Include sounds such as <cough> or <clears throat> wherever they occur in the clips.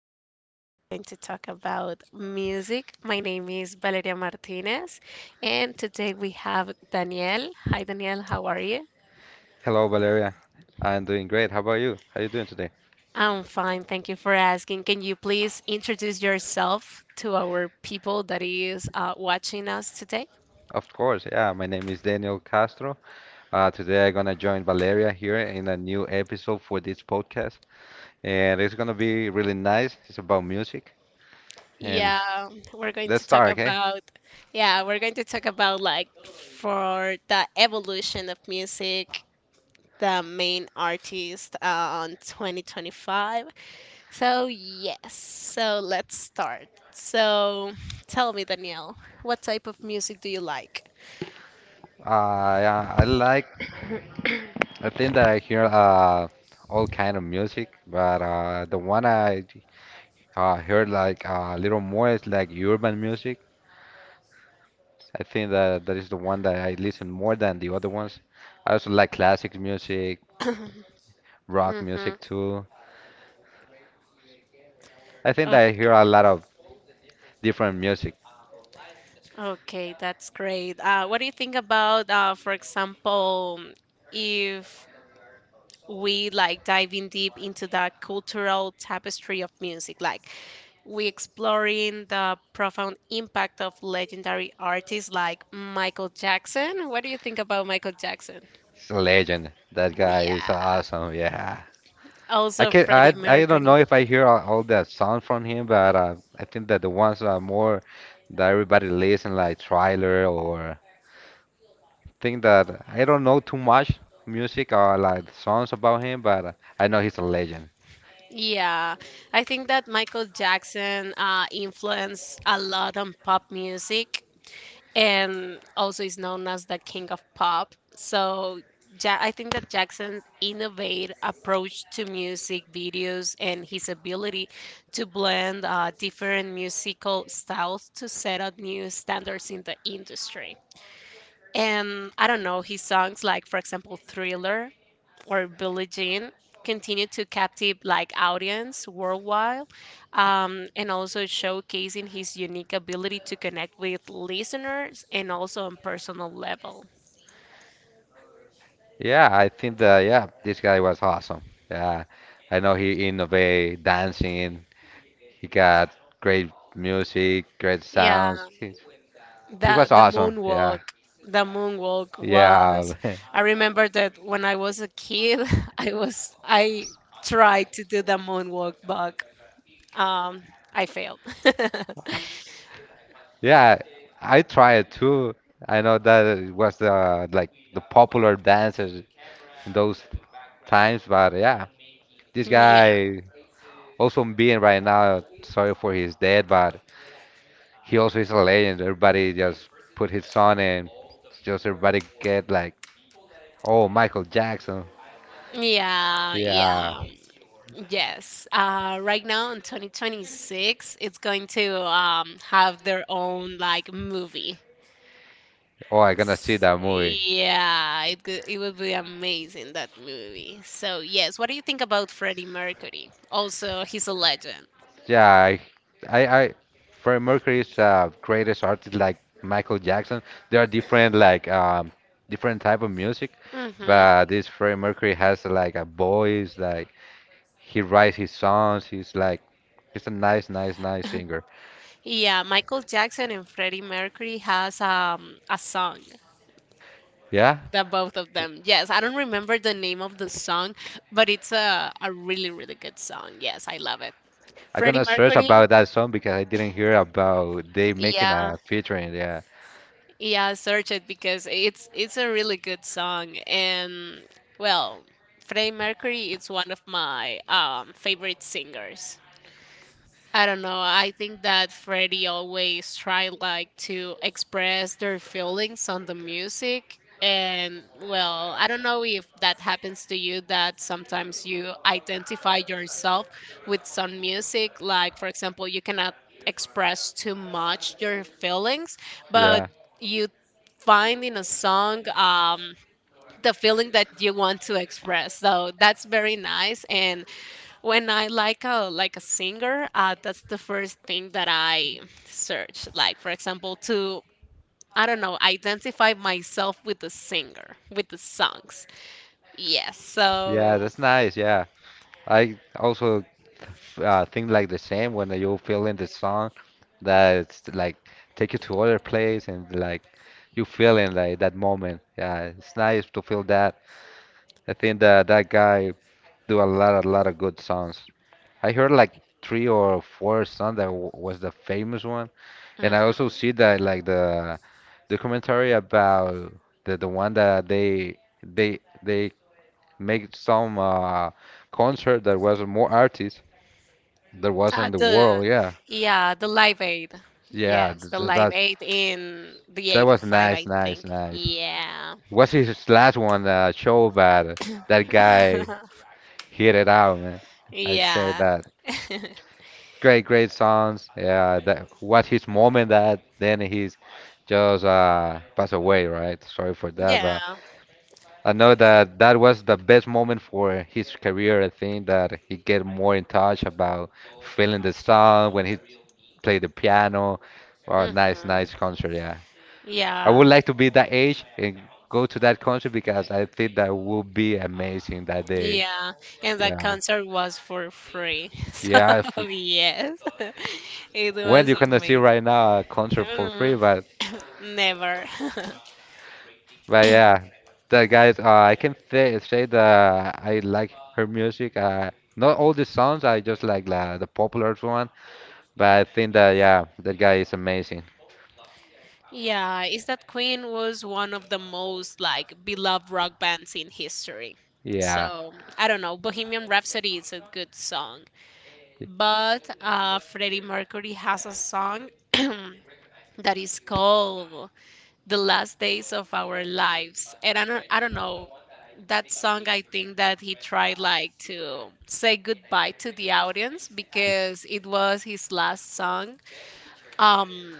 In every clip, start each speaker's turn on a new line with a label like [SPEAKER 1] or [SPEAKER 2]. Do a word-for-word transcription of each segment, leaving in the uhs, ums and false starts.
[SPEAKER 1] episode, we're going to talk about music. My name is Valeria Martinez, and today we have Daniel. Hi Daniel, how are you?
[SPEAKER 2] Hello, Valeria. I'm doing great. How about you? How you doing today?
[SPEAKER 1] I'm fine, thank you for asking. Can you please introduce yourself to our people that is uh, watching us today?
[SPEAKER 2] Of course, yeah. My name is Daniel Castro. Uh, today I'm gonna join Valeria here in a new episode for this podcast, and it's gonna be really nice. It's about music, and
[SPEAKER 1] Yeah, we're going to
[SPEAKER 2] let's
[SPEAKER 1] talk
[SPEAKER 2] start, okay?
[SPEAKER 1] about yeah, we're going to talk about like for the evolution of music, the main artist uh, on twenty twenty-five. So, yes, so let's start. So, tell me, Danielle, what type of music do you like?
[SPEAKER 2] Uh, yeah, I like. I think that I hear uh all kind of music, but uh the one I uh, heard like uh, a little more is like urban music. I think that that is the one that I listen more than the other ones. I also like classic music,
[SPEAKER 1] <laughs> <clears throat>
[SPEAKER 2] rock
[SPEAKER 1] Mm-hmm.
[SPEAKER 2] music too. I think that I hear
[SPEAKER 1] Okay.
[SPEAKER 2] a lot of different music.
[SPEAKER 1] Okay, that's great. Uh, what do you think about, uh, for example, if we like diving deep into that cultural tapestry of music, like we exploring the profound impact of legendary artists like Michael Jackson. What do you think about Michael Jackson?
[SPEAKER 2] He's a legend. That guy is
[SPEAKER 1] Yeah.
[SPEAKER 2] awesome. Yeah. I
[SPEAKER 1] Also
[SPEAKER 2] can I
[SPEAKER 1] Freddie
[SPEAKER 2] I don't know
[SPEAKER 1] Mercury.
[SPEAKER 2] if I hear all, all that sound from him, but uh, I think that the ones that are more that everybody listen like Thriller or think that I don't know too much music or like songs about him, but uh, I know he's a legend.
[SPEAKER 1] Yeah. I think that Michael Jackson uh, influenced a lot on pop music, and also is known as the king of pop. So ja- I think that Jackson's innovative approach to music videos and his ability to blend uh, different musical styles to set up new standards in the industry. And I don't know, his songs like for example Thriller or Billie Jean continue to captive like audience worldwide, um, and also showcasing his unique ability to connect with listeners and also on personal level.
[SPEAKER 2] Yeah, I think that yeah, this guy was awesome. Yeah, I know he innovated dancing. He got great music, great
[SPEAKER 1] Yeah,
[SPEAKER 2] sounds. He, he
[SPEAKER 1] the
[SPEAKER 2] was
[SPEAKER 1] the
[SPEAKER 2] awesome. Yeah,
[SPEAKER 1] moonwalk, the moonwalk
[SPEAKER 2] yeah,
[SPEAKER 1] was.
[SPEAKER 2] <laughs>
[SPEAKER 1] I remember that when I was a kid, <laughs> I was I tried to do the moonwalk, but um, I failed. <laughs>
[SPEAKER 2] yeah. I tried too. I know that it was the like the popular dancers in those times, but yeah, this
[SPEAKER 1] yeah.
[SPEAKER 2] guy also being right now. Sorry for his death, but he also is a legend. Everybody just put his son and just everybody get like, oh, Michael Jackson.
[SPEAKER 1] Yeah,
[SPEAKER 2] Yeah.
[SPEAKER 1] yeah, yes. Uh, right now in twenty twenty-six, it's going to um have their own like movie.
[SPEAKER 2] Oh, I'm gonna see
[SPEAKER 1] S-
[SPEAKER 2] that movie.
[SPEAKER 1] Yeah, it go- it would be amazing that movie. So yes, what do you think about Freddie Mercury? Also, he's a legend.
[SPEAKER 2] Yeah, I, I, I Freddie Mercury's is greatest artist like Michael Jackson. There are different like um different type of music,
[SPEAKER 1] Mm-hmm.
[SPEAKER 2] but this Freddie Mercury has like a voice. Like he writes his songs. He's like he's a nice, nice, nice singer.
[SPEAKER 1] Yeah, Michael Jackson and Freddie Mercury has um a song.
[SPEAKER 2] Yeah.
[SPEAKER 1] The both of them. Yes, I don't remember the name of the song, but it's a a really really good song. Yes, I love it.
[SPEAKER 2] I'm
[SPEAKER 1] Freddie
[SPEAKER 2] gonna search
[SPEAKER 1] Mercury.
[SPEAKER 2] about that song because I didn't hear about they making
[SPEAKER 1] Yeah,
[SPEAKER 2] a featuring. Yeah.
[SPEAKER 1] yeah, search it because it's it's a really good song, and well, Freddie Mercury is one of my um favorite singers. I don't know. I think that Freddie always tried like to express their feelings on the music. And well, I don't know if that happens to you that sometimes you identify yourself with some music. Like, for example, you cannot express too much your feelings, but
[SPEAKER 2] Yeah.
[SPEAKER 1] you find in a song, um, the feeling that you want to express. So that's very nice. And when I like a like a singer, uh, that's the first thing that I search. Like for example, to, I don't know, identify myself with the singer, with the songs. Yes.
[SPEAKER 2] Yeah,
[SPEAKER 1] So
[SPEAKER 2] that's nice. Yeah. I also uh, think like the same when you feel in the song that it's like take you to other place and like you feel in like that moment. Yeah, it's nice to feel that. I think that that guy do a lot, a lot of good songs. I heard like three or four songs that w was the famous one, and I also
[SPEAKER 1] mhm.
[SPEAKER 2] see that like the documentary about the the one that they they they make some uh concert that was more artists that was
[SPEAKER 1] uh,
[SPEAKER 2] in the
[SPEAKER 1] the
[SPEAKER 2] world. Yeah,
[SPEAKER 1] yeah, the Live Aid.
[SPEAKER 2] yeah,
[SPEAKER 1] Yes,
[SPEAKER 2] th-
[SPEAKER 1] the
[SPEAKER 2] th-
[SPEAKER 1] Live
[SPEAKER 2] that
[SPEAKER 1] Aid in the
[SPEAKER 2] that was
[SPEAKER 1] 'eighty-five,
[SPEAKER 2] nice,
[SPEAKER 1] I
[SPEAKER 2] nice,
[SPEAKER 1] think.
[SPEAKER 2] nice.
[SPEAKER 1] Yeah.
[SPEAKER 2] What's his last one? Uh, show about uh, that guy
[SPEAKER 1] <laughs>
[SPEAKER 2] hit it out, man. I say
[SPEAKER 1] yeah.
[SPEAKER 2] that
[SPEAKER 1] <laughs>
[SPEAKER 2] great, great songs. Yeah, that what his moment that then he's just uh passed away, right? Sorry for that,
[SPEAKER 1] yeah.
[SPEAKER 2] but I know that that was the best moment for his career. I think that he get more in touch about feeling the song when he played the piano. Well, nice, nice
[SPEAKER 1] Hmm.
[SPEAKER 2] concert, yeah. I would
[SPEAKER 1] Yeah.
[SPEAKER 2] like to be that age and go to that country because I think that would be amazing that day.
[SPEAKER 1] Yeah, and the
[SPEAKER 2] Yeah,
[SPEAKER 1] concert was for free. <laughs> So
[SPEAKER 2] yeah. If,
[SPEAKER 1] yes, <laughs> it
[SPEAKER 2] when you
[SPEAKER 1] was
[SPEAKER 2] gonna see
[SPEAKER 1] amazing.
[SPEAKER 2] right now a concert for
[SPEAKER 1] Mm,
[SPEAKER 2] free, but
[SPEAKER 1] never. <laughs>
[SPEAKER 2] but yeah, that guys. Uh, I can say say that I like her music. Uh, not all the songs. I just like la, the popular one. But I think that yeah, that guy is amazing.
[SPEAKER 1] Yeah, is that Queen was one of the most like beloved rock bands in history.
[SPEAKER 2] Yeah,
[SPEAKER 1] So I don't know, Bohemian Rhapsody is a good song, but uh, Freddie Mercury has a song <clears throat> that is called "The Last Days of Our Lives," and I don't, I don't know that song. I think that he tried like to say goodbye to the audience because it was his last song, um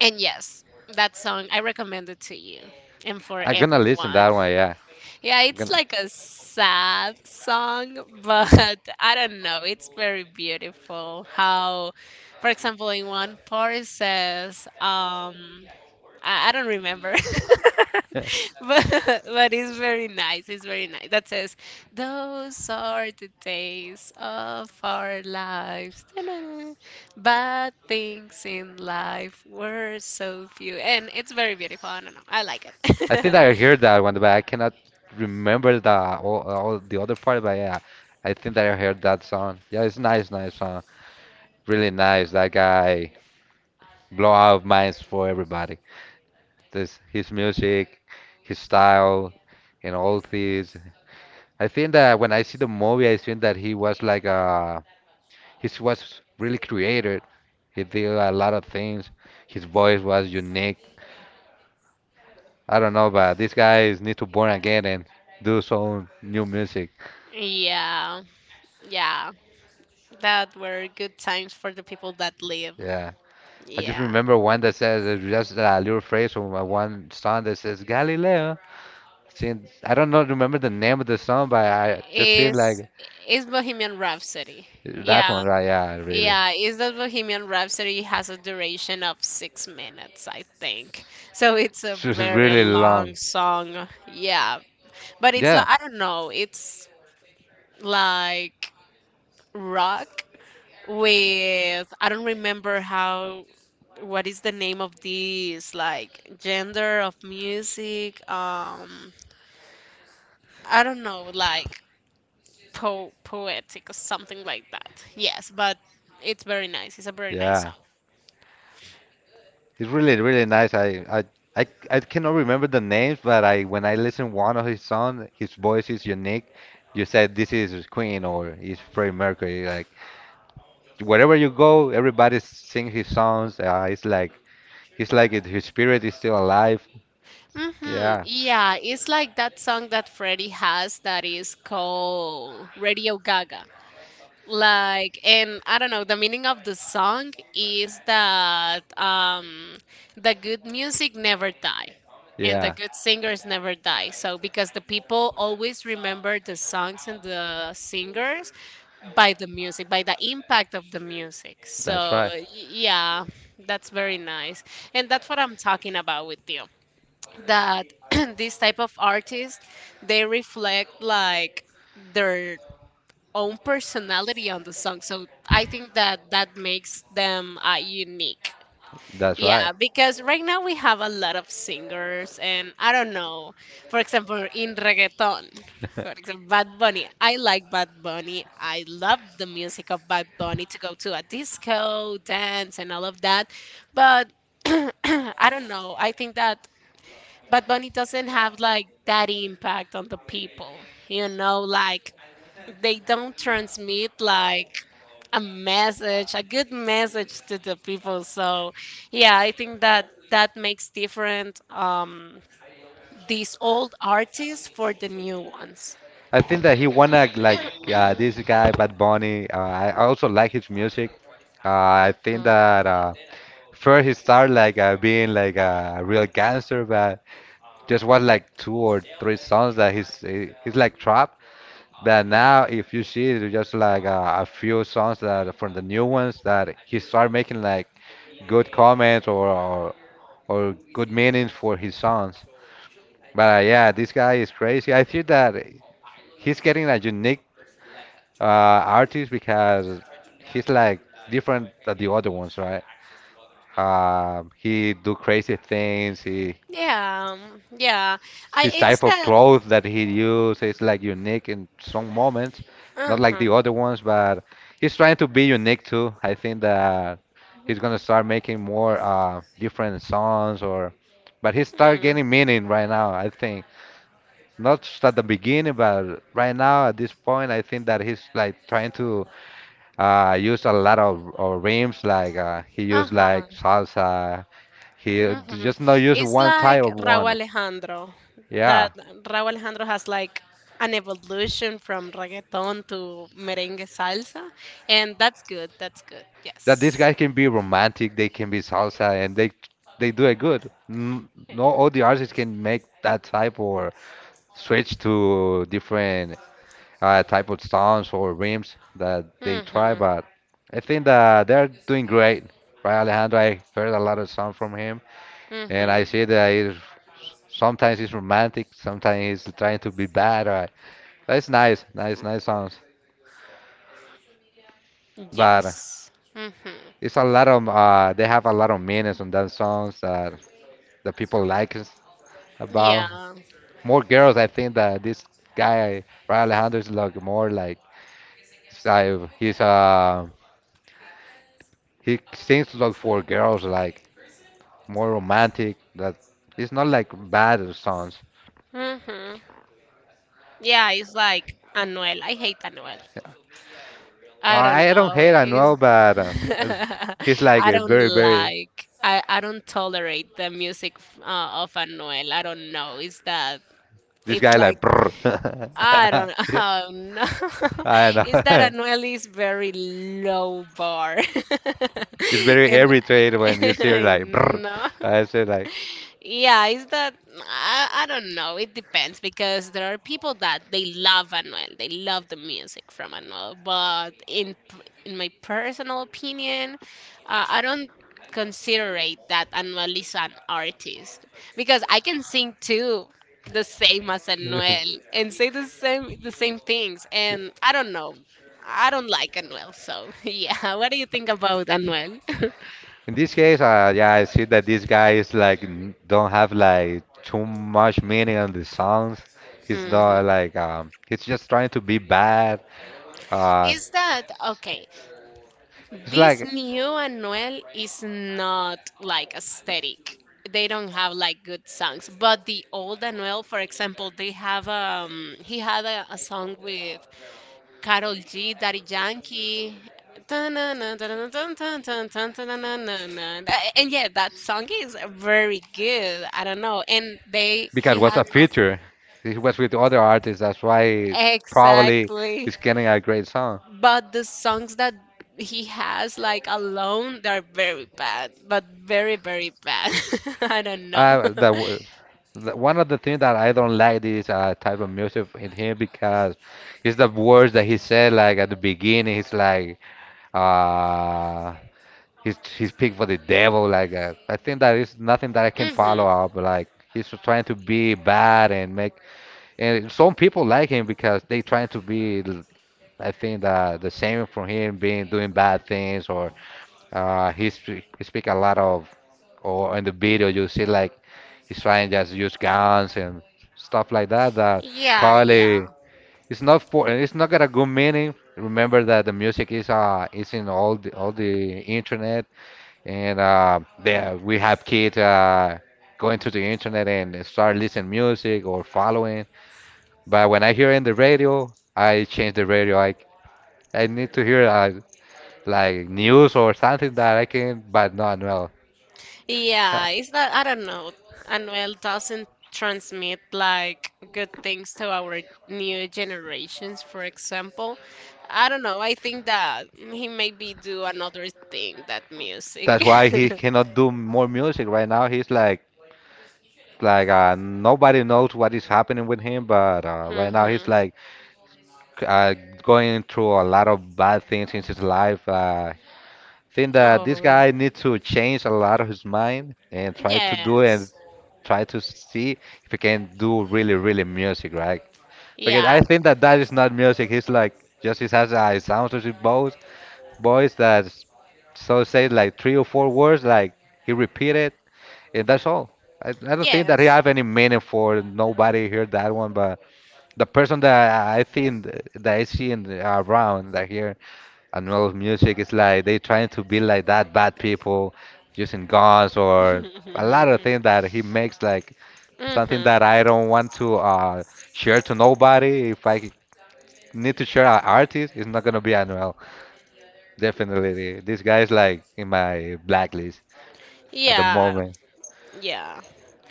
[SPEAKER 1] and yes, that song I recommend it to you and for
[SPEAKER 2] I'm gonna listen
[SPEAKER 1] everyone.
[SPEAKER 2] that one. Yeah,
[SPEAKER 1] Yeah, it's
[SPEAKER 2] gonna.
[SPEAKER 1] like a sad song, but <laughs> I don't know, it's very beautiful how, for example, in one part it says um i, I don't remember. <laughs>
[SPEAKER 2] <laughs>
[SPEAKER 1] <laughs> but, but it's very nice. It's very nice. That says, "Those are the days of our lives. Ta-da. Bad things in life were so few." And it's very beautiful. I don't know. I like
[SPEAKER 2] I think
[SPEAKER 1] it.
[SPEAKER 2] I heard that one, but I cannot remember the all, all the other part. But yeah, I think that I heard that song. Yeah, it's nice, nice song. Really nice. That guy blow out minds for everybody. This his music, his style, and all these. I think that when I see the movie, I think that he was like uh he was really creative. He did a lot of things. His voice was unique. I don't know, but these guys need to born again and do some new music.
[SPEAKER 1] <laughs> yeah. Yeah. That were good times for the people that live.
[SPEAKER 2] Yeah. I just
[SPEAKER 1] Yeah.
[SPEAKER 2] remember one that says uh, just a little phrase from uh, one song that says Galileo. Seen, I don't know, remember the name of the song, but I just seen
[SPEAKER 1] Is
[SPEAKER 2] like
[SPEAKER 1] is Bohemian Rhapsody.
[SPEAKER 2] that
[SPEAKER 1] Yeah.
[SPEAKER 2] one, right? Yeah, really.
[SPEAKER 1] Yeah, is that Bohemian Rhapsody has a duration of six minutes, I think. So it's a
[SPEAKER 2] It's just
[SPEAKER 1] very
[SPEAKER 2] really
[SPEAKER 1] long
[SPEAKER 2] long.
[SPEAKER 1] song. Yeah, but it's
[SPEAKER 2] Yeah,
[SPEAKER 1] like I don't know. It's like rock with I don't remember how. What is the name of this like gender of music? Um, I don't know, like po poetic or something like that. Yes, but it's very nice. It's a very nice
[SPEAKER 2] yeah.
[SPEAKER 1] song.
[SPEAKER 2] It's really, really nice. I, I, I, I cannot remember the names, but I when I listen one of his songs, his voice is unique. You said this is Queen or it's Freddie Mercury. Like wherever you go, everybody sings his songs. Uh, it's like it's like it, his spirit is still alive.
[SPEAKER 1] Mm-hmm.
[SPEAKER 2] Yeah,
[SPEAKER 1] Yeah, it's like that song that Freddie has that is called Radio Gaga. Like, and I don't know, the meaning of the song is that, um, the good music never die, and the
[SPEAKER 2] yeah,
[SPEAKER 1] good singers never die. So, because the people always remember the songs and the singers by the music, by the impact of the music.
[SPEAKER 2] that's
[SPEAKER 1] So,
[SPEAKER 2] right,
[SPEAKER 1] y- yeah, that's very nice. And that's what I'm talking about with the, that <clears throat> this type of artists, they reflect like their own personality on the song, so I think that that makes them, uh, unique.
[SPEAKER 2] that's
[SPEAKER 1] Yeah,
[SPEAKER 2] right.
[SPEAKER 1] because right now we have a lot of singers, and I don't know, for example in reggaeton, for
[SPEAKER 2] <laughs>
[SPEAKER 1] example Bad Bunny. I like Bad Bunny. I love the music of Bad Bunny to go to a disco dance and all of that. But <clears throat> I don't know. I think that Bad Bunny doesn't have like that impact on the people. You know, like they don't transmit like a message, a good message to the people. So, yeah, I think that that makes different, um, these old artists for the new ones.
[SPEAKER 2] I think that he wanna like uh, this guy Bad Bunny. Uh, I I also like his music. Uh, I think
[SPEAKER 1] Mhm.
[SPEAKER 2] that uh, first he started like uh, being like a real gangster, but just was like two or three songs that he's he- he's like trap. That now,
[SPEAKER 1] Mm.
[SPEAKER 2] if you see, it's just like uh, a few songs that from the new ones that he started making like good comments or or, or good meanings for his songs. But uh, yeah, this guy is crazy. I think that he's getting a unique uh, artist because he's like different than the other ones, right? Um, he do crazy things. He
[SPEAKER 1] Yeah, um, yeah. I
[SPEAKER 2] his
[SPEAKER 1] it's
[SPEAKER 2] type of
[SPEAKER 1] that.
[SPEAKER 2] clothes that he use is like unique in some moments, not
[SPEAKER 1] Uh
[SPEAKER 2] like the
[SPEAKER 1] huh.
[SPEAKER 2] other ones. But he's trying to be unique too. I think that he's gonna start making more uh, different songs or, but he start getting meaning right now. I think. Not just at the beginning, but right now at this point, I think that he's like trying to uh, use a lot of, of rims. Like uh, he
[SPEAKER 1] Uh
[SPEAKER 2] used
[SPEAKER 1] huh.
[SPEAKER 2] like salsa. He
[SPEAKER 1] Hmm.
[SPEAKER 2] just not use
[SPEAKER 1] It's
[SPEAKER 2] one type
[SPEAKER 1] like
[SPEAKER 2] of
[SPEAKER 1] Raúl
[SPEAKER 2] one.
[SPEAKER 1] Alejandro. That
[SPEAKER 2] Yeah,
[SPEAKER 1] Raúl Alejandro has like an evolution from reggaeton to merengue salsa, and that's good. That's good. Yes.
[SPEAKER 2] that these guys can be romantic. They can be salsa, and they they do it good. N- No, all the artists can make that type or switch to different uh, type of songs or rims that they try,
[SPEAKER 1] Mm-hmm.
[SPEAKER 2] but I think that they're doing great. Right, Alejandro, I heard a lot of songs from him, and
[SPEAKER 1] Mm-hmm.
[SPEAKER 2] I see that he's, sometimes he's romantic, sometimes he's trying to be bad. Right? That's nice, nice, nice songs. But
[SPEAKER 1] Yes. Mm-hmm.
[SPEAKER 2] it's a lot of, uh, they have a lot of meanings on those songs that the people like us about.
[SPEAKER 1] Yeah.
[SPEAKER 2] More girls, I think that this guy, Ray Alejandro, is like more like, he's, uh, he's uh, he seems to look for girls like more romantic. That it's not like bad songs.
[SPEAKER 1] Mm-hmm. Yeah, it's like Anuel. I hate Anuel. I don't
[SPEAKER 2] I I don't
[SPEAKER 1] know.
[SPEAKER 2] hate
[SPEAKER 1] It's
[SPEAKER 2] Anuel, but uh, <laughs>
[SPEAKER 1] <laughs>
[SPEAKER 2] he's like
[SPEAKER 1] I
[SPEAKER 2] a
[SPEAKER 1] don't
[SPEAKER 2] very very
[SPEAKER 1] like. I, I don't tolerate the music f- uh, of Anuel. I don't know. Is that?
[SPEAKER 2] this
[SPEAKER 1] It's
[SPEAKER 2] guy
[SPEAKER 1] like
[SPEAKER 2] like brr. <laughs>
[SPEAKER 1] I don't. <laughs>
[SPEAKER 2] Yeah,
[SPEAKER 1] Oh no.
[SPEAKER 2] I
[SPEAKER 1] <laughs> Is that
[SPEAKER 2] know. <laughs>
[SPEAKER 1] Anuel is very low bar,
[SPEAKER 2] It's
[SPEAKER 1] <laughs>
[SPEAKER 2] very
[SPEAKER 1] and
[SPEAKER 2] irritated when you hear
[SPEAKER 1] I'm <laughs>
[SPEAKER 2] like brr.
[SPEAKER 1] no.
[SPEAKER 2] I say like.
[SPEAKER 1] Yeah, is that I, I don't know. It depends because there are people that they love Anuel. They love the music from Anuel. But in p- in my personal opinion, uh, I don't consider it that Anuel is an artist, because I can sing too the same as Anuel
[SPEAKER 2] <laughs>
[SPEAKER 1] and say the same the same things. And I don't know. I don't like Anuel. So <laughs> yeah, what do you think about Anuel? <laughs>
[SPEAKER 2] In this case, uh, yeah, I see that this guy is like n- don't have like too much meaning on the songs. He's
[SPEAKER 1] Hmm.
[SPEAKER 2] not like um, he's just trying to be bad. Uh,
[SPEAKER 1] Is that okay?
[SPEAKER 2] it's
[SPEAKER 1] This
[SPEAKER 2] like
[SPEAKER 1] new Anuel is not like aesthetic. They don't have like good songs, but the old Anuel, for example, they have um he had a, a song with Carol G, Daddy Yankee. Dun-dun-dun, dun-dun-dun, dun-dun-dun, dun-dun-dun-dun-dun. A- And yeah, that song is very good. I don't know. And they
[SPEAKER 2] because
[SPEAKER 1] he
[SPEAKER 2] it was
[SPEAKER 1] has
[SPEAKER 2] a
[SPEAKER 1] a-
[SPEAKER 2] feature. He was with other artists. That's why probably
[SPEAKER 1] exactly.
[SPEAKER 2] he's getting a great song.
[SPEAKER 1] But the songs that he has like alone, they're very bad, but very very bad. <laughs> I don't know.
[SPEAKER 2] I the, w- the one of the things that I don't like is uh, type of music in him because it's the words that he said like at the beginning. He's like uh he's he's picked for the devil. Like uh, I think that is nothing that I
[SPEAKER 1] <laughs>
[SPEAKER 2] can follow
[SPEAKER 1] Hmm.
[SPEAKER 2] up. Like he's just trying to be bad and make and some people like him because they trying to be I think that the same from him being doing bad things or uh, he speak, he speak a lot of or in the video you see like he's trying just use guns and stuff like that that
[SPEAKER 1] Yeah,
[SPEAKER 2] probably
[SPEAKER 1] yeah,
[SPEAKER 2] it's not for it's not got a good meaning. Remember that the music is uh is in all the all the internet and uh there we have kids uh going to the internet and start listening music or following. But when I hear in the radio, I change the radio. I I need to hear uh, like news or something that I can, but no, no. Uh,
[SPEAKER 1] yeah, it's that I don't know, Anuel doesn't transmit like good things to our new generations, for example. I don't know. I think that he maybe do another thing that music.
[SPEAKER 2] That's why he cannot do more music right now. He's like like uh, nobody knows what is happening with him, but
[SPEAKER 1] <laughs>
[SPEAKER 2] uh, right now he's
[SPEAKER 1] Hmm.
[SPEAKER 2] like c- uh, going through a lot of bad things in his life. Uh, think that this
[SPEAKER 1] Oh,
[SPEAKER 2] guy needs to change a lot of his mind and try to do and
[SPEAKER 1] yes.
[SPEAKER 2] try to see if he can do really really music, right? Because
[SPEAKER 1] Yeah.
[SPEAKER 2] I think that that is not music. He's like just he has a sound to his bows boys that so say like three or four words, like he repeated, and that's all. I, I don't think that he
[SPEAKER 1] Yes.
[SPEAKER 2] have any meaning for nobody heard that one, but the person that I I think th- that I see in, the- around that here and all of music is like they trying to be like that bad people using guns or a lot of
[SPEAKER 1] <laughs>
[SPEAKER 2] things that he makes like something that
[SPEAKER 1] Hmm.
[SPEAKER 2] I don't want to uh, share to nobody. If I need to share an artist, it's not gonna be Anuel. Definitely. This guy is like in my blacklist at the
[SPEAKER 1] Yeah,
[SPEAKER 2] moment.
[SPEAKER 1] yeah,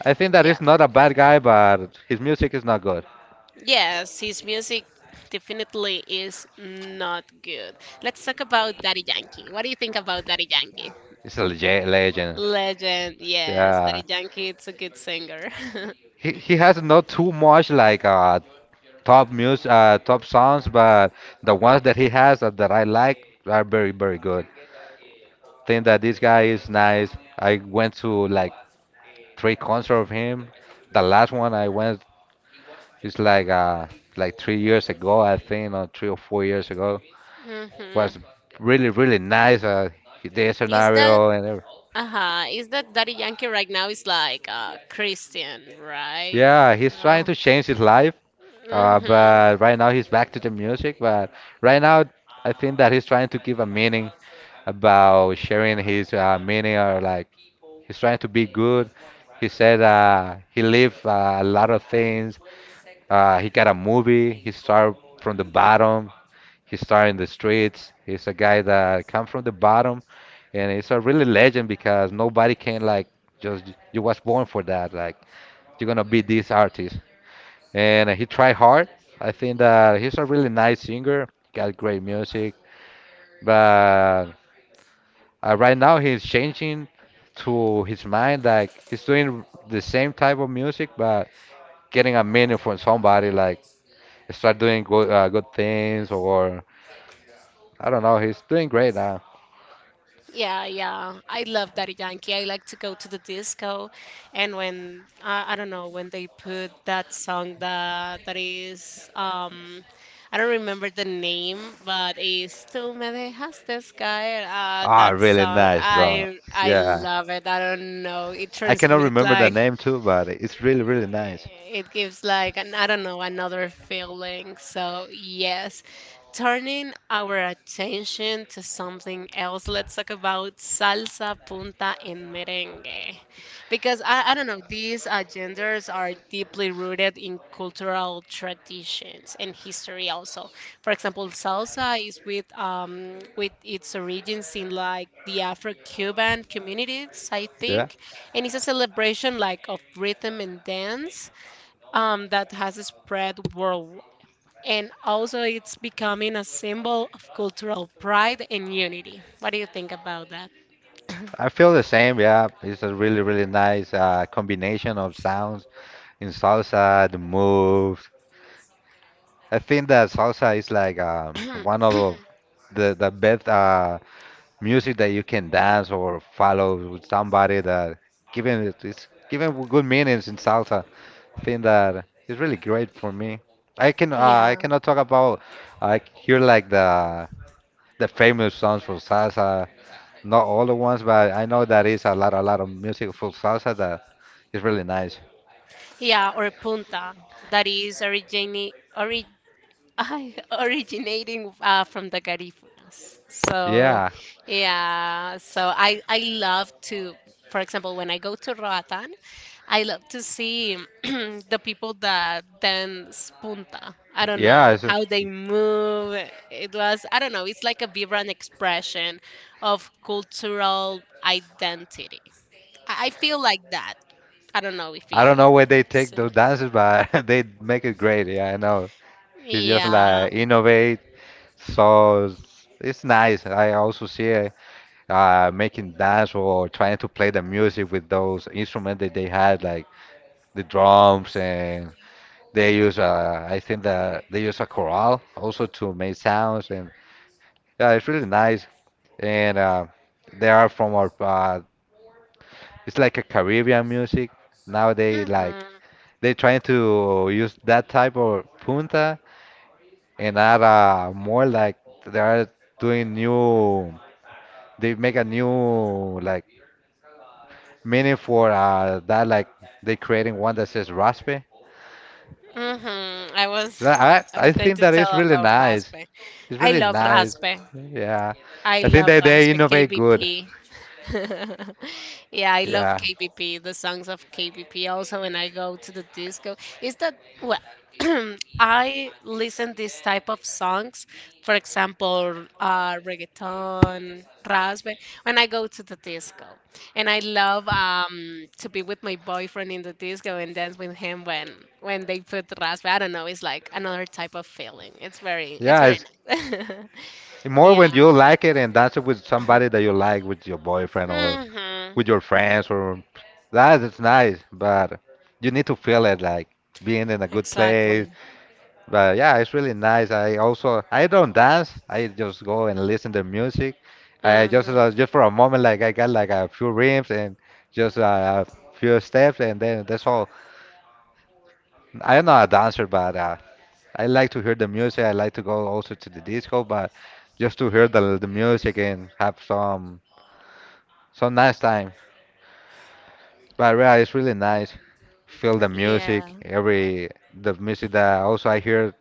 [SPEAKER 2] I think that
[SPEAKER 1] yeah.
[SPEAKER 2] he's not a bad guy, but his music is not good.
[SPEAKER 1] Yes, his music definitely is not good. Let's talk about Daddy Yankee. What do you think about Daddy Yankee?
[SPEAKER 2] It's a lege- legend.
[SPEAKER 1] Legend, yes,
[SPEAKER 2] Yeah.
[SPEAKER 1] Daddy Yankee. It's a good singer. <laughs>
[SPEAKER 2] He he has not too much like uh top music uh top songs, but the ones that he has that, that I like are very very good. Think that this guy is nice. I went to like three concerts of him. The last one I went is like uh like three years ago, I think, or three or four years ago.
[SPEAKER 1] Hmm.
[SPEAKER 2] Was really really nice. Uh, the
[SPEAKER 1] Is that
[SPEAKER 2] scenario and everything.
[SPEAKER 1] uh-huh, is that Daddy Yankee right now is like uh Christian, right?
[SPEAKER 2] Yeah, he's trying
[SPEAKER 1] Oh.
[SPEAKER 2] to change his life, uh,
[SPEAKER 1] Hmm.
[SPEAKER 2] but right now he's back to the music. But right now, I think that he's trying to give a meaning about sharing his uh, meaning or like he's trying to be good. He said uh, he lived uh, a lot of things. Uh, he got a movie. He started from the bottom. He started in the streets. He's a guy that come from the bottom, and it's a really legend because nobody can like just you was born for that. Like you're gonna be this artist, and he tried hard. I think that he's a really nice singer. Got great music, but uh, right now he's changing to his mind. Like he's doing the same type of music, but getting a meaning from somebody. Like start doing good uh, good things, or I don't know. He's doing great now.
[SPEAKER 1] Yeah, yeah. I love Daddy Yankee. I like to go to the disco, and when I I don't know when they put that song that that is, um I don't remember the name, but it's "Tú me dejaste caer." Uh,
[SPEAKER 2] Ah,
[SPEAKER 1] that
[SPEAKER 2] really
[SPEAKER 1] song,
[SPEAKER 2] nice
[SPEAKER 1] I
[SPEAKER 2] drums.
[SPEAKER 1] I
[SPEAKER 2] Yeah.
[SPEAKER 1] love it. I don't know. It
[SPEAKER 2] I
[SPEAKER 1] turns
[SPEAKER 2] cannot
[SPEAKER 1] me
[SPEAKER 2] remember the
[SPEAKER 1] like,
[SPEAKER 2] name too, but it's really, really nice.
[SPEAKER 1] it gives like an, I don't know, another feeling. So yes, turning our attention to something else. Let's talk about salsa, punta, and merengue, because I, I don't know, these uh, genders are deeply rooted in cultural traditions and history also. For example, salsa is with, um with its origins in like the Afro-Cuban communities, I
[SPEAKER 2] Yeah.
[SPEAKER 1] think, and it's a celebration like of rhythm and dance, um, that has spread worldwide. And also, it's becoming a symbol of cultural pride and unity. What do you think about that?
[SPEAKER 2] I feel the same. Yeah. It's a really, really nice uh, combination of sounds in salsa, the moves. I think that salsa is like um, one
[SPEAKER 1] <clears throat>
[SPEAKER 2] of the, the best uh, music that you can dance or follow with somebody that given it, it's given good meanings in salsa. Thing that is really great for me. I can uh, I
[SPEAKER 1] Yeah,
[SPEAKER 2] cannot talk about I hear like the the famous songs for salsa, not all the ones, but I know that is a lot a lot of music for salsa that is really nice.
[SPEAKER 1] yeah, or punta, that is origini- I <laughs> originating uh, from the Garifunas. So,
[SPEAKER 2] Yeah,
[SPEAKER 1] yeah, so I I love to, for example, when I go to Roatan, I love to see <clears throat> the people that dance punta. I don't
[SPEAKER 2] yeah.
[SPEAKER 1] know
[SPEAKER 2] It's just,
[SPEAKER 1] how they move. It was, I don't know. It's like a vibrant expression of cultural identity. I, I feel like that. I don't know if
[SPEAKER 2] I
[SPEAKER 1] you.
[SPEAKER 2] don't know where they take
[SPEAKER 1] feel-
[SPEAKER 2] those dances, but <laughs> they make it great. Yeah, I know. It's just
[SPEAKER 1] Yeah.
[SPEAKER 2] like innovate, so it's it's nice. I also see uh, making dance or trying to play the music with those instruments that they had, like the drums and they use uh, I think that they use a chorale also to make sounds and yeah, it's really nice. And uh, they are from our uh, it's like a Caribbean music. Now they like
[SPEAKER 1] Hmm.
[SPEAKER 2] they trying to use that type of punta and add uh, more like they are doing new they make a new like meaning for uh, that like they creating one that says raspe.
[SPEAKER 1] Hmm. I was
[SPEAKER 2] So that-
[SPEAKER 1] <laughs> I
[SPEAKER 2] I I
[SPEAKER 1] was going
[SPEAKER 2] think
[SPEAKER 1] to
[SPEAKER 2] that
[SPEAKER 1] tell
[SPEAKER 2] is really
[SPEAKER 1] about
[SPEAKER 2] nice.
[SPEAKER 1] raspe.
[SPEAKER 2] It's
[SPEAKER 1] I
[SPEAKER 2] really
[SPEAKER 1] love
[SPEAKER 2] nice.
[SPEAKER 1] raspe.
[SPEAKER 2] Yeah,
[SPEAKER 1] I
[SPEAKER 2] I think
[SPEAKER 1] love
[SPEAKER 2] that they
[SPEAKER 1] Raspe,
[SPEAKER 2] innovate good.
[SPEAKER 1] K B P. <laughs> yeah, I love
[SPEAKER 2] Yeah,
[SPEAKER 1] K B P, the songs of K B P. Also, when I go to the disco, is that well, <clears throat> I listen this type of songs, for example, uh, reggaeton, raspe, when I go to the disco, and I love um, to be with my boyfriend in the disco and dance with him when when they put raspe. I don't know, it's like another type of feeling. It's very it's
[SPEAKER 2] yeah.
[SPEAKER 1] very
[SPEAKER 2] It's
[SPEAKER 1] nice. <laughs>
[SPEAKER 2] more
[SPEAKER 1] Yeah.
[SPEAKER 2] when you like it and dance it with somebody that
[SPEAKER 1] <clears throat>
[SPEAKER 2] you like, with your boyfriend or
[SPEAKER 1] Mhm.
[SPEAKER 2] with your friends, or that is nice. But you need to feel it like being in a good place.
[SPEAKER 1] Exactly.
[SPEAKER 2] But yeah, it's really nice. I also I don't dance. I just go and listen to music. I just
[SPEAKER 1] Mhm.
[SPEAKER 2] uh, just for a moment, like I got like a few rhythms and just uh, a few steps, and then that's all. I'm not a dancer, but uh, I like to hear the music. I like to go also to the disco, but just to hear the the music and have some some nice time. But yeah, it's really nice. Feel the
[SPEAKER 1] Yeah.
[SPEAKER 2] music, every the music that also I hear.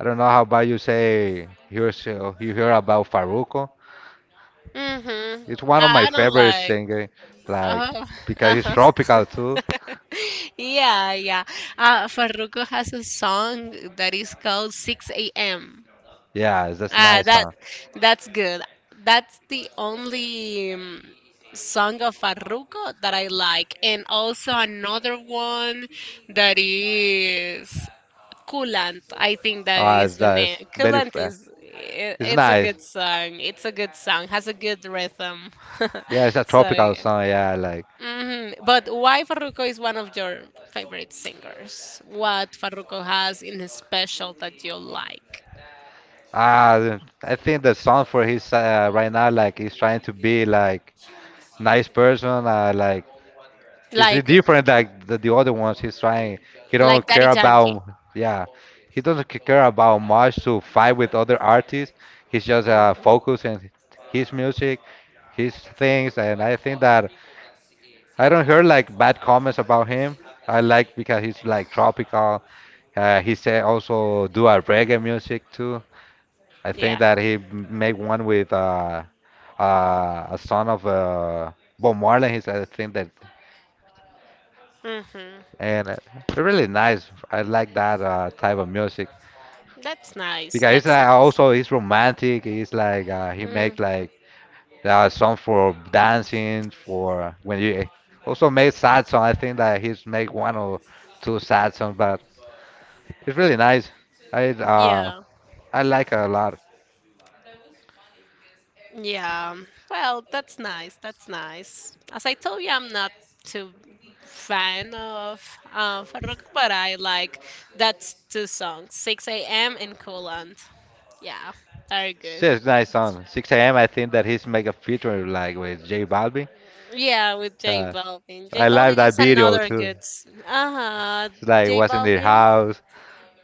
[SPEAKER 2] I don't know how about you say here's uh, you hear about Faruko.
[SPEAKER 1] Mhm.
[SPEAKER 2] It's one
[SPEAKER 1] I,
[SPEAKER 2] of my
[SPEAKER 1] I don't
[SPEAKER 2] favorite
[SPEAKER 1] like.
[SPEAKER 2] singer, like
[SPEAKER 1] Uh, <laughs>
[SPEAKER 2] because he's
[SPEAKER 1] uh-huh.
[SPEAKER 2] tropical too.
[SPEAKER 1] <laughs> Yeah, yeah. Uh, Farruko has a song that is called six a m.
[SPEAKER 2] Yeah, that's
[SPEAKER 1] Ah,
[SPEAKER 2] nice
[SPEAKER 1] that
[SPEAKER 2] song.
[SPEAKER 1] that's good. That's the only um, song of Farruko that I like, and also another one that is Coolant, I think that
[SPEAKER 2] Ah,
[SPEAKER 1] is
[SPEAKER 2] it's
[SPEAKER 1] the
[SPEAKER 2] nice.
[SPEAKER 1] name.
[SPEAKER 2] Very,
[SPEAKER 1] Coolant
[SPEAKER 2] fa-
[SPEAKER 1] is I
[SPEAKER 2] it's
[SPEAKER 1] it's a
[SPEAKER 2] nice.
[SPEAKER 1] good song. It's a good song. Has a good rhythm.
[SPEAKER 2] Yeah, it's a
[SPEAKER 1] <laughs> So,
[SPEAKER 2] tropical song. Yeah, like
[SPEAKER 1] hmm, but why Farruko is one of your favorite singers? What Farruko has in his special that you like?
[SPEAKER 2] ah, I think the song for his uh, right now, like he's trying to be like nice person, uh, like he's
[SPEAKER 1] Like
[SPEAKER 2] different like the, the other ones. He's trying. He don't
[SPEAKER 1] like
[SPEAKER 2] care
[SPEAKER 1] Daddy Yankee.
[SPEAKER 2] about. Yeah, he doesn't c- care about much to fight with other artists. He's just
[SPEAKER 1] Hmm.
[SPEAKER 2] uh, focused on his music, his things, and I think that I don't hear like bad comments about him. I like because he's like tropical. Uh, he say also do a reggae music too. I think
[SPEAKER 1] Yeah.
[SPEAKER 2] that he m- make one with uh, uh, a son of uh, Bob Marley. He's I think that
[SPEAKER 1] Hmm.
[SPEAKER 2] and uh, really nice. I like that uh, type of music
[SPEAKER 1] That's nice.
[SPEAKER 2] because it's
[SPEAKER 1] That's
[SPEAKER 2] like
[SPEAKER 1] nice.
[SPEAKER 2] also it's romantic. It's like uh, he make
[SPEAKER 1] Hmm.
[SPEAKER 2] like uh, song for dancing for when you eh, also make sad song. I think that he's make one or two sad songs, but it's really nice. I uh
[SPEAKER 1] Yeah.
[SPEAKER 2] I like a lot.
[SPEAKER 1] Yeah. Well, that's nice. That's nice. As I told you, I'm not too fan of uh, Farruko, but I like that's two songs, six a m and Coolant. Yeah, very good.
[SPEAKER 2] Yeah, it's nice song. six a m. I think that he's make a feature like with J Balvin.
[SPEAKER 1] Yeah, with J
[SPEAKER 2] Uh,
[SPEAKER 1] Balvin. J
[SPEAKER 2] I
[SPEAKER 1] Balvin
[SPEAKER 2] like that
[SPEAKER 1] is
[SPEAKER 2] video
[SPEAKER 1] another
[SPEAKER 2] too.
[SPEAKER 1] good. s- Uh-huh.
[SPEAKER 2] It's like
[SPEAKER 1] J
[SPEAKER 2] was in the
[SPEAKER 1] Balvin.
[SPEAKER 2] house.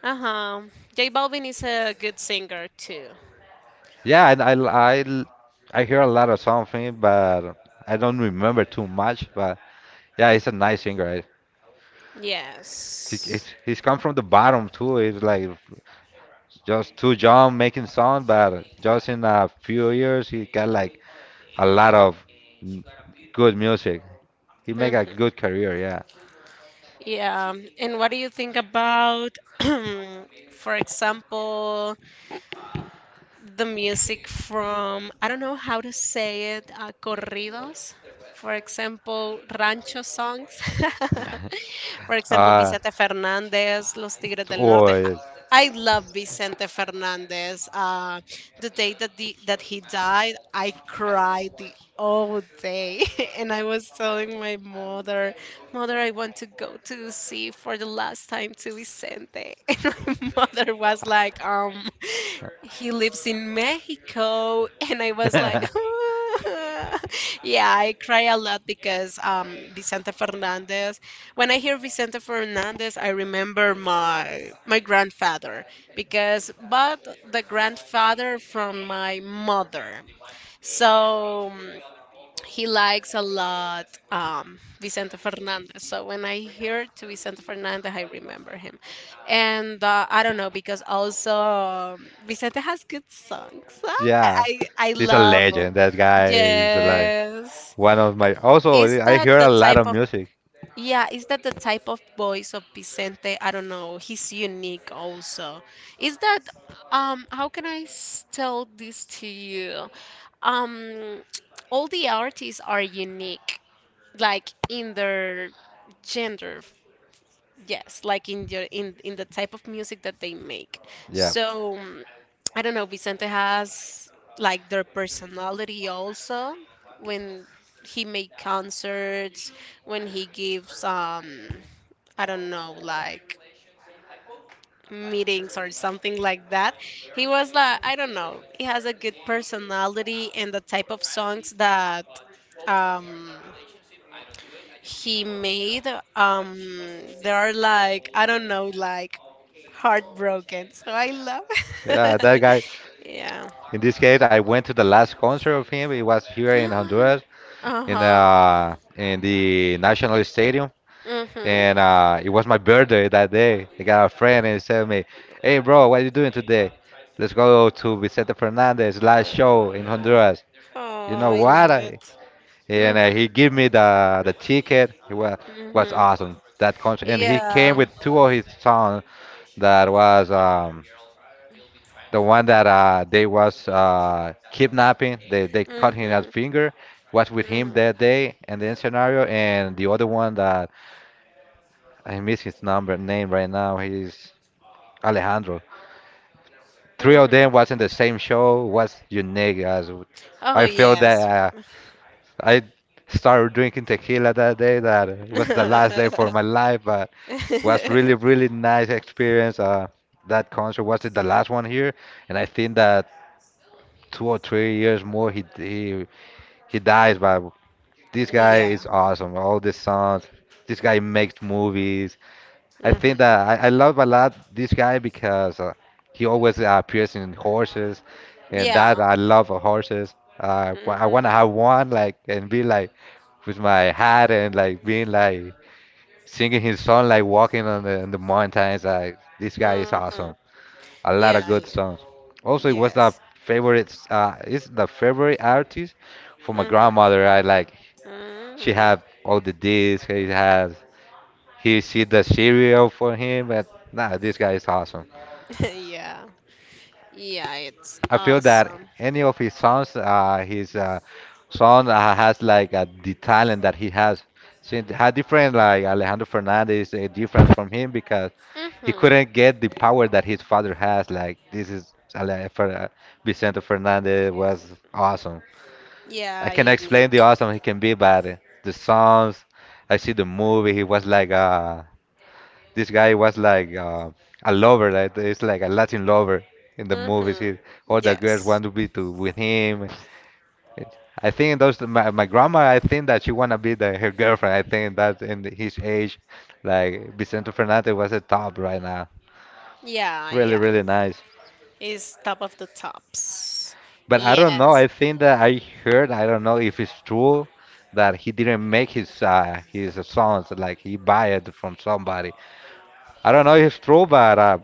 [SPEAKER 1] Uh-huh. J Balvin is a good singer too.
[SPEAKER 2] Yeah, I, I, I, I hear a lot of something, but I don't remember too much. But yeah, he's a nice singer. I- He,
[SPEAKER 1] Yes.
[SPEAKER 2] he's, he's come from the bottom too. He's like just too young making sound, but just in a few years he got like a lot of n- good music. He make a
[SPEAKER 1] Hmm.
[SPEAKER 2] good career. Yeah.
[SPEAKER 1] Yeah, and what do you think about, <clears throat> for example, the music from, I don't know how to say it, uh, corridos, for example, rancho songs? <laughs>
[SPEAKER 2] <laughs>
[SPEAKER 1] For example,
[SPEAKER 2] Uh,
[SPEAKER 1] Vicente Fernandez, Los Tigres del Norte. I
[SPEAKER 2] or.
[SPEAKER 1] I love Vicente Fernandez. Uh, the day that the, that he died, I cried the whole day, <laughs> and I was telling my mother, "Mother, I want to go to see for the last time to Vicente," <laughs> and my mother was like, "Um, he lives in Mexico," <laughs> and I was like. <laughs>
[SPEAKER 2] <laughs>
[SPEAKER 1] Yeah, I cry a lot because um, Vicente Fernandez. When I hear Vicente Fernandez, I remember my my grandfather because but the grandfather from my mother. So um, he likes a lot um, Vicente Fernandez. So when I hear to Vicente Fernandez, I remember him. And uh, I don't know because also um, Vicente has good songs. <laughs>
[SPEAKER 2] Yeah,
[SPEAKER 1] I I
[SPEAKER 2] he's a
[SPEAKER 1] love 'em.
[SPEAKER 2] legend. That guy is like
[SPEAKER 1] Yes.
[SPEAKER 2] one of my. Also,
[SPEAKER 1] Is
[SPEAKER 2] I
[SPEAKER 1] that
[SPEAKER 2] hear
[SPEAKER 1] the
[SPEAKER 2] a lot
[SPEAKER 1] type
[SPEAKER 2] of
[SPEAKER 1] of,
[SPEAKER 2] music.
[SPEAKER 1] yeah, is that the type of voice of Vicente? I don't know. He's unique also. Is that, um, how can I s- tell this to you? Um, <tsk> all the artists are unique like in their gender. Yes, like in your in in the type of music that they make.
[SPEAKER 2] Yeah,
[SPEAKER 1] So, mm, I don't know, Vicente has like their personality also when he make concerts, when he gives, um, I don't know, like meetings or something like that. He was like I don't know, he has a good personality and the type of songs that, um, he made, um, they are like I don't know like heartbroken. So I love.
[SPEAKER 2] yeah, that guy.
[SPEAKER 1] <laughs> Yeah.
[SPEAKER 2] In this case, I went to the last concert of him. It was here in Honduras,
[SPEAKER 1] <gasps>
[SPEAKER 2] in
[SPEAKER 1] Uh-huh.
[SPEAKER 2] uh, in the National Stadium,
[SPEAKER 1] Mm-hmm.
[SPEAKER 2] and uh, it was my birthday that day. I got a friend and he said me, "Hey, bro, what are you doing today? Let's go to Vicente Fernandez last show in Honduras." You
[SPEAKER 1] Oh,
[SPEAKER 2] know
[SPEAKER 1] I
[SPEAKER 2] what?
[SPEAKER 1] love
[SPEAKER 2] I,
[SPEAKER 1] it.
[SPEAKER 2] and
[SPEAKER 1] Mm-hmm.
[SPEAKER 2] uh, he gave me the the ticket. It was was
[SPEAKER 1] Mm-hmm.
[SPEAKER 2] awesome that concert, and he came
[SPEAKER 1] Yeah.
[SPEAKER 2] with two of his sons. That was um, the one that uh, they was uh, kidnapping. They they cut him his
[SPEAKER 1] Mm-hmm.
[SPEAKER 2] finger. Was with him
[SPEAKER 1] Mm-hmm.
[SPEAKER 2] that day, and then scenario, and the other one that I miss his number name right now. He's Alejandro. Three of them
[SPEAKER 1] Mm-hmm.
[SPEAKER 2] was in the same show. Was unique as
[SPEAKER 1] Oh,
[SPEAKER 2] I feel that
[SPEAKER 1] yes.
[SPEAKER 2] uh, I started drinking tequila that day. That it was the last
[SPEAKER 1] <laughs>
[SPEAKER 2] day for my life, but was really really nice experience. Uh, that concert was it the last one here, and I think that two or three years more he he he dies. But this guy
[SPEAKER 1] Yeah.
[SPEAKER 2] is awesome. All the songs. This guy makes movies. I think that
[SPEAKER 1] Mm-hmm.
[SPEAKER 2] I, I love a lot this guy because uh, he always uh, appears in horses, and that
[SPEAKER 1] Yeah.
[SPEAKER 2] I love uh, horses. Uh, wa- I want to
[SPEAKER 1] Mm-hmm.
[SPEAKER 2] have one like and be like with my hat and like being like singing his song like walking on the, on the mountains. Like this guy is
[SPEAKER 1] Mm-hmm.
[SPEAKER 2] awesome. A lot
[SPEAKER 1] Yeah,
[SPEAKER 2] of good
[SPEAKER 1] yeah.
[SPEAKER 2] songs. Also, it was the
[SPEAKER 1] Yes.
[SPEAKER 2] favorite. Uh, it's the favorite artist for my
[SPEAKER 1] Mm-hmm.
[SPEAKER 2] grandmother. I like she
[SPEAKER 1] Mm-hmm.
[SPEAKER 2] had all the discs. She has. He she does cereal for him, but nah, this guy is awesome.
[SPEAKER 1] <laughs> Yeah. Yeah, it's
[SPEAKER 2] I feel that
[SPEAKER 1] awesome.
[SPEAKER 2] any of his sons, uh, his uh, son uh, has like uh, the talent that he has. She had different like Alejandro Fernandez, uh, different from him because he
[SPEAKER 1] Mm-hmm.
[SPEAKER 2] couldn't get the power that his father has. Like this is Ale- Fer- uh, Vicente Fernandez was awesome. I
[SPEAKER 1] Yeah,
[SPEAKER 2] can explain the
[SPEAKER 1] unique.
[SPEAKER 2] awesome he can be, but uh, the songs. I see the movie. He was like a This guy was like uh, a lover, like it's like a Latin lover in the movies. He,
[SPEAKER 1] Mm-hmm.
[SPEAKER 2] all the girls
[SPEAKER 1] Yes.
[SPEAKER 2] want to be to with him. It- I think those my, my grandma. I think that she wanna be the, her girlfriend. I think that in his age, like Vicente Fernandez was a top right now.
[SPEAKER 1] Yeah,
[SPEAKER 2] Really,
[SPEAKER 1] yeah.
[SPEAKER 2] really nice.
[SPEAKER 1] It's top of the tops.
[SPEAKER 2] But I don't know.
[SPEAKER 1] Yes.
[SPEAKER 2] I think that I heard. I don't know if it's true that he didn't make his uh, his songs. Like he buy it from somebody. I don't know if it's true, but uh,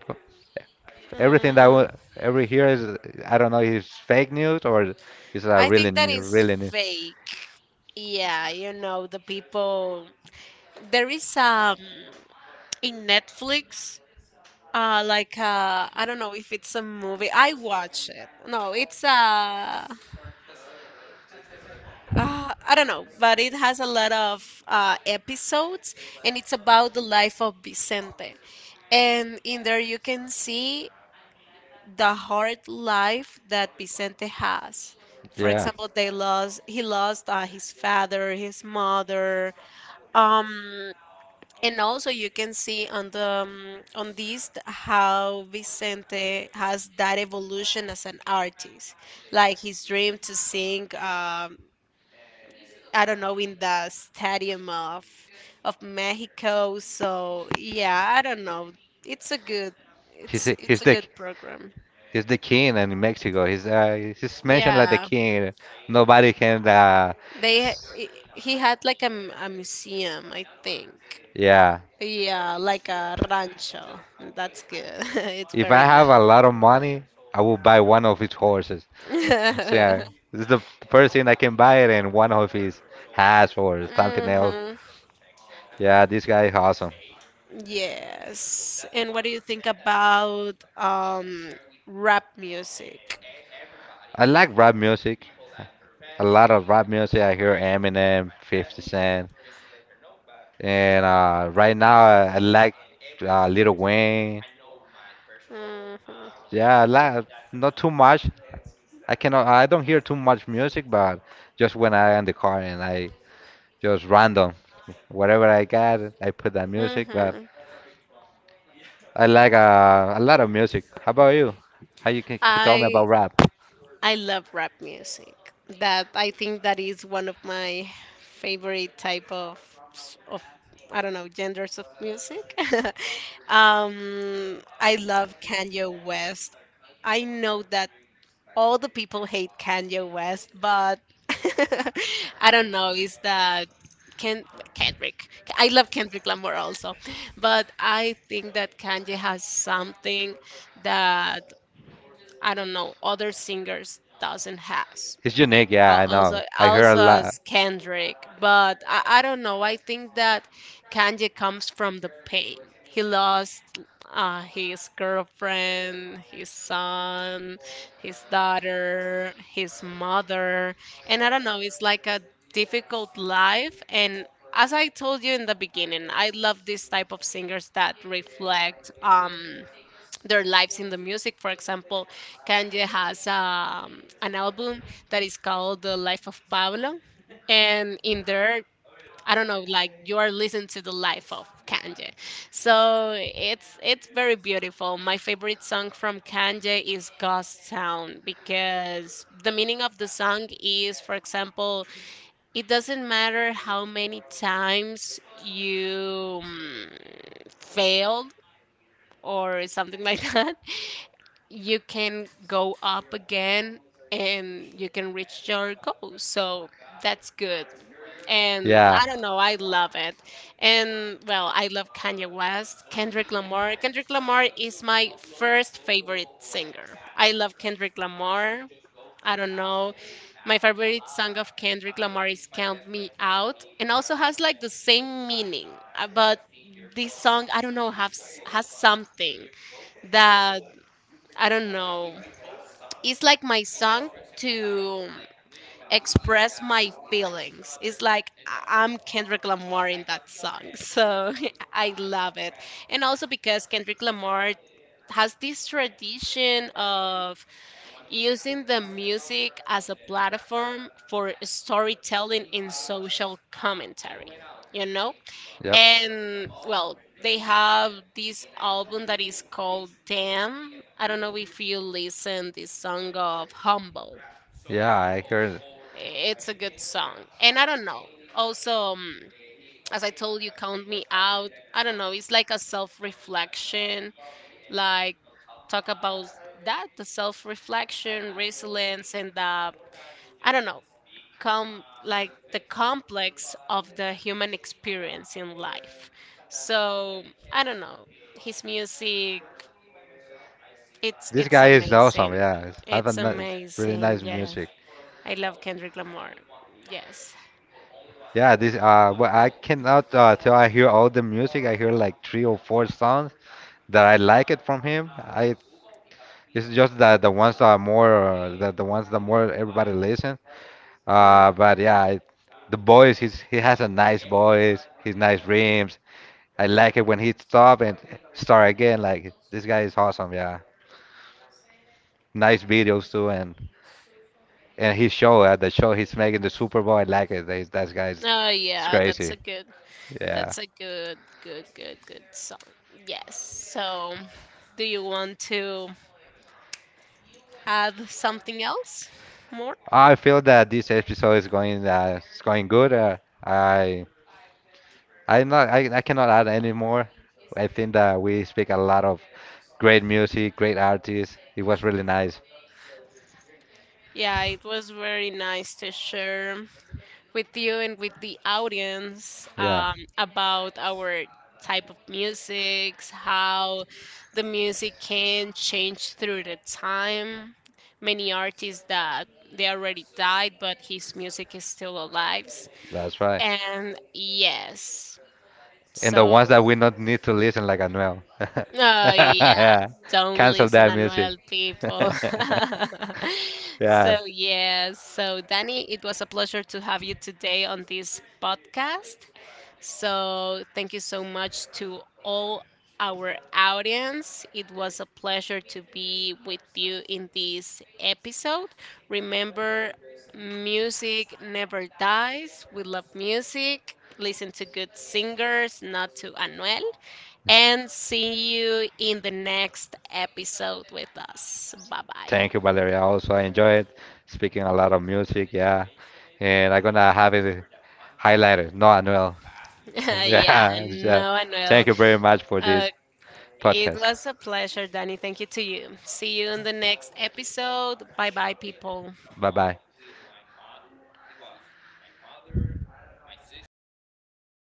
[SPEAKER 2] everything that
[SPEAKER 1] Mm,
[SPEAKER 2] wa- every here is I don't know is fake news or is a
[SPEAKER 1] I
[SPEAKER 2] really
[SPEAKER 1] think that
[SPEAKER 2] new,
[SPEAKER 1] is
[SPEAKER 2] really new.
[SPEAKER 1] fake. Yeah, you know, the people. There is, um, in Netflix, uh, like, uh, I don't know if it's a movie. I watch it. No, it's uh Uh, I don't know, but it has a lot of uh, episodes, and it's about the life of Vicente. And in there, you can see the hard life that Vicente has. For
[SPEAKER 2] Yeah,
[SPEAKER 1] example, they lost he lost uh, his father, his mother, um, and also you can see on the, um, on this th- how Vicente has that evolution as an artist, like his dream to sing, um, I don't know, in the stadium of of Mexico. So yeah, I don't know. It's a good,
[SPEAKER 2] he's
[SPEAKER 1] it's
[SPEAKER 2] a-
[SPEAKER 1] it's
[SPEAKER 2] he's
[SPEAKER 1] a
[SPEAKER 2] the
[SPEAKER 1] good program.
[SPEAKER 2] he's the king in Mexico. He's uh, he's mentioned like the
[SPEAKER 1] Yeah,
[SPEAKER 2] king. Nobody can. Uh,
[SPEAKER 1] they ha-
[SPEAKER 2] s-
[SPEAKER 1] i- he had like a, m- a museum, I think.
[SPEAKER 2] yeah,
[SPEAKER 1] Yeah, like a rancho. That's good. <laughs> It's
[SPEAKER 2] if I
[SPEAKER 1] very
[SPEAKER 2] have a
[SPEAKER 1] nice.
[SPEAKER 2] lot of money, I will buy one of his horses. So, yeah,
[SPEAKER 1] <laughs>
[SPEAKER 2] this is the first thing I can buy it and one of his hats or something else.
[SPEAKER 1] Hmm.
[SPEAKER 2] Yeah, this guy is awesome.
[SPEAKER 1] Yes. And what do you think about, um, rap music?
[SPEAKER 2] I like rap music. A lot of rap music. I hear Eminem, fifty Cent. And uh, right now, I, I like uh, Little Wayne.
[SPEAKER 1] Mhm. uh,
[SPEAKER 2] Yeah, I like not too much. I cannot. I don't hear too much music, but just when I in the car and I just random whatever I got, I put that music. But
[SPEAKER 1] Mhm.
[SPEAKER 2] I like uh, a lot of music. How about you? How you can, can tell me
[SPEAKER 1] I
[SPEAKER 2] about rap?
[SPEAKER 1] I love rap music. That I think that is one of my favorite type of s- of I don't know genders of music. <laughs> Um, I love Kanye West. I know that all the people hate Kanye West, but <laughs> I don't know. Is that Ken, Kendrick? I love Kendrick Lamar also, but I think that Kanye has something that I don't know other singers doesn't have.
[SPEAKER 2] It's unique. Yeah,
[SPEAKER 1] Al-
[SPEAKER 2] I know.
[SPEAKER 1] also,
[SPEAKER 2] I hear a
[SPEAKER 1] also
[SPEAKER 2] lot.
[SPEAKER 1] as Kendrick, but I, I don't know. I think that Kanye comes from the pain. He lost uh, his girlfriend, his son, his daughter, his mother, and I don't know. It's like a difficult life, and as I told you in the beginning, I love this type of singers that reflect. Um, their lives in the music. For example, Kanye has, um, an album that is called The Life of Pablo. And in there, I don't know, like you are listening to the life of Kanye. So it's it's very beautiful. My favorite song from Kanye is Ghost Town because the meaning of the song is, for example, it doesn't matter how many times you, mm, failed or something like <laughs> that you can go up again and you can reach your goals. So that's good. And
[SPEAKER 2] Yeah.
[SPEAKER 1] I don't know, I love it. And well, I love Kanye West, Kendrick Lamar. Kendrick Lamar is my first favorite singer. I love Kendrick Lamar. I don't know. My favorite song of Kendrick Lamar is Count Me Out and also has like the same meaning. uh, But this song, I don't know, has has something that I don't know it's like my song to express my feelings. It's like I- I'm Kendrick Lamar in that song. So <laughs> I love it. And also because Kendrick Lamar has this tradition of using the music as a platform for storytelling and social commentary. You know,
[SPEAKER 2] Yep.
[SPEAKER 1] and well they have this album that is called Damn. I don't know if you listen this song of Humble.
[SPEAKER 2] Yeah, I heard.
[SPEAKER 1] It's a good song and I don't know, also, um, as I told you, Count Me Out, I don't know, it's like a self-reflection, like talk about that the self-reflection, resilience, and the I don't know, com, like the complex of the human experience in life. So I don't know. His music, it's
[SPEAKER 2] This
[SPEAKER 1] it's
[SPEAKER 2] guy is awesome.
[SPEAKER 1] amazing.
[SPEAKER 2] Yeah, he's
[SPEAKER 1] It's
[SPEAKER 2] having ni- really
[SPEAKER 1] amazing.
[SPEAKER 2] nice
[SPEAKER 1] Yeah.
[SPEAKER 2] music.
[SPEAKER 1] I love Kendrick Lamar. Yes.
[SPEAKER 2] Yeah, this uh well, I cannot uh till I hear all the music. I hear like three or four songs that I like it from him. I it's just that the ones that are more uh, the, the ones that more everybody listen.
[SPEAKER 1] Mm.
[SPEAKER 2] Uh but yeah, I, the voice he's he has a nice voice, his nice rims. I like it when he stop and start again like this guy is awesome, yeah. Nice videos too and and his show, uh, the show he's making the Super Bowl, I like it. That that guy's
[SPEAKER 1] Oh
[SPEAKER 2] it's
[SPEAKER 1] yeah, that's
[SPEAKER 2] crazy.
[SPEAKER 1] a good,
[SPEAKER 2] Yeah.
[SPEAKER 1] that's a good good good good song. Yes. So do you want to add something else more?
[SPEAKER 2] I feel that this episode is going uh, it's going good. Uh, I I'm not I, I cannot add any more. I think that we speak a lot of great music, great artists. It was really nice.
[SPEAKER 1] Yeah, it was very nice to share with you and with the audience,
[SPEAKER 2] Yeah,
[SPEAKER 1] um, about our type of musics, how the music can change through the time. Many artists that they already died, but his music is still alive.
[SPEAKER 2] that's right.
[SPEAKER 1] And yes,
[SPEAKER 2] And the ones
[SPEAKER 1] so
[SPEAKER 2] that we not need to listen like Anuel. <laughs>
[SPEAKER 1] Oh yeah,
[SPEAKER 2] Yeah,
[SPEAKER 1] don't
[SPEAKER 2] cancel
[SPEAKER 1] listen,
[SPEAKER 2] that music.
[SPEAKER 1] Anuel people.
[SPEAKER 2] <laughs>
[SPEAKER 1] <laughs>
[SPEAKER 2] Yeah,
[SPEAKER 1] So yeah, so Danny, it was a pleasure to have you today on this podcast. So thank you so much to all our audience. It was a pleasure to be with you in this episode. Remember, music never dies. We love music. Listen to good singers, not to Anuel and see you in the next episode with us. Bye bye.
[SPEAKER 2] thank you, Valeria. Also, I enjoyed speaking a lot of music. Yeah, and I'm gonna have it highlighted, not Anuel.
[SPEAKER 1] <laughs>
[SPEAKER 2] <laughs>
[SPEAKER 1] Yeah,
[SPEAKER 2] yeah, yeah.
[SPEAKER 1] no, Anuel.
[SPEAKER 2] Thank you very much for
[SPEAKER 1] Uh,
[SPEAKER 2] this
[SPEAKER 1] it
[SPEAKER 2] podcast.
[SPEAKER 1] was a pleasure, Danny. Thank you to you. See you in the next episode. Bye bye, people.
[SPEAKER 2] Bye bye.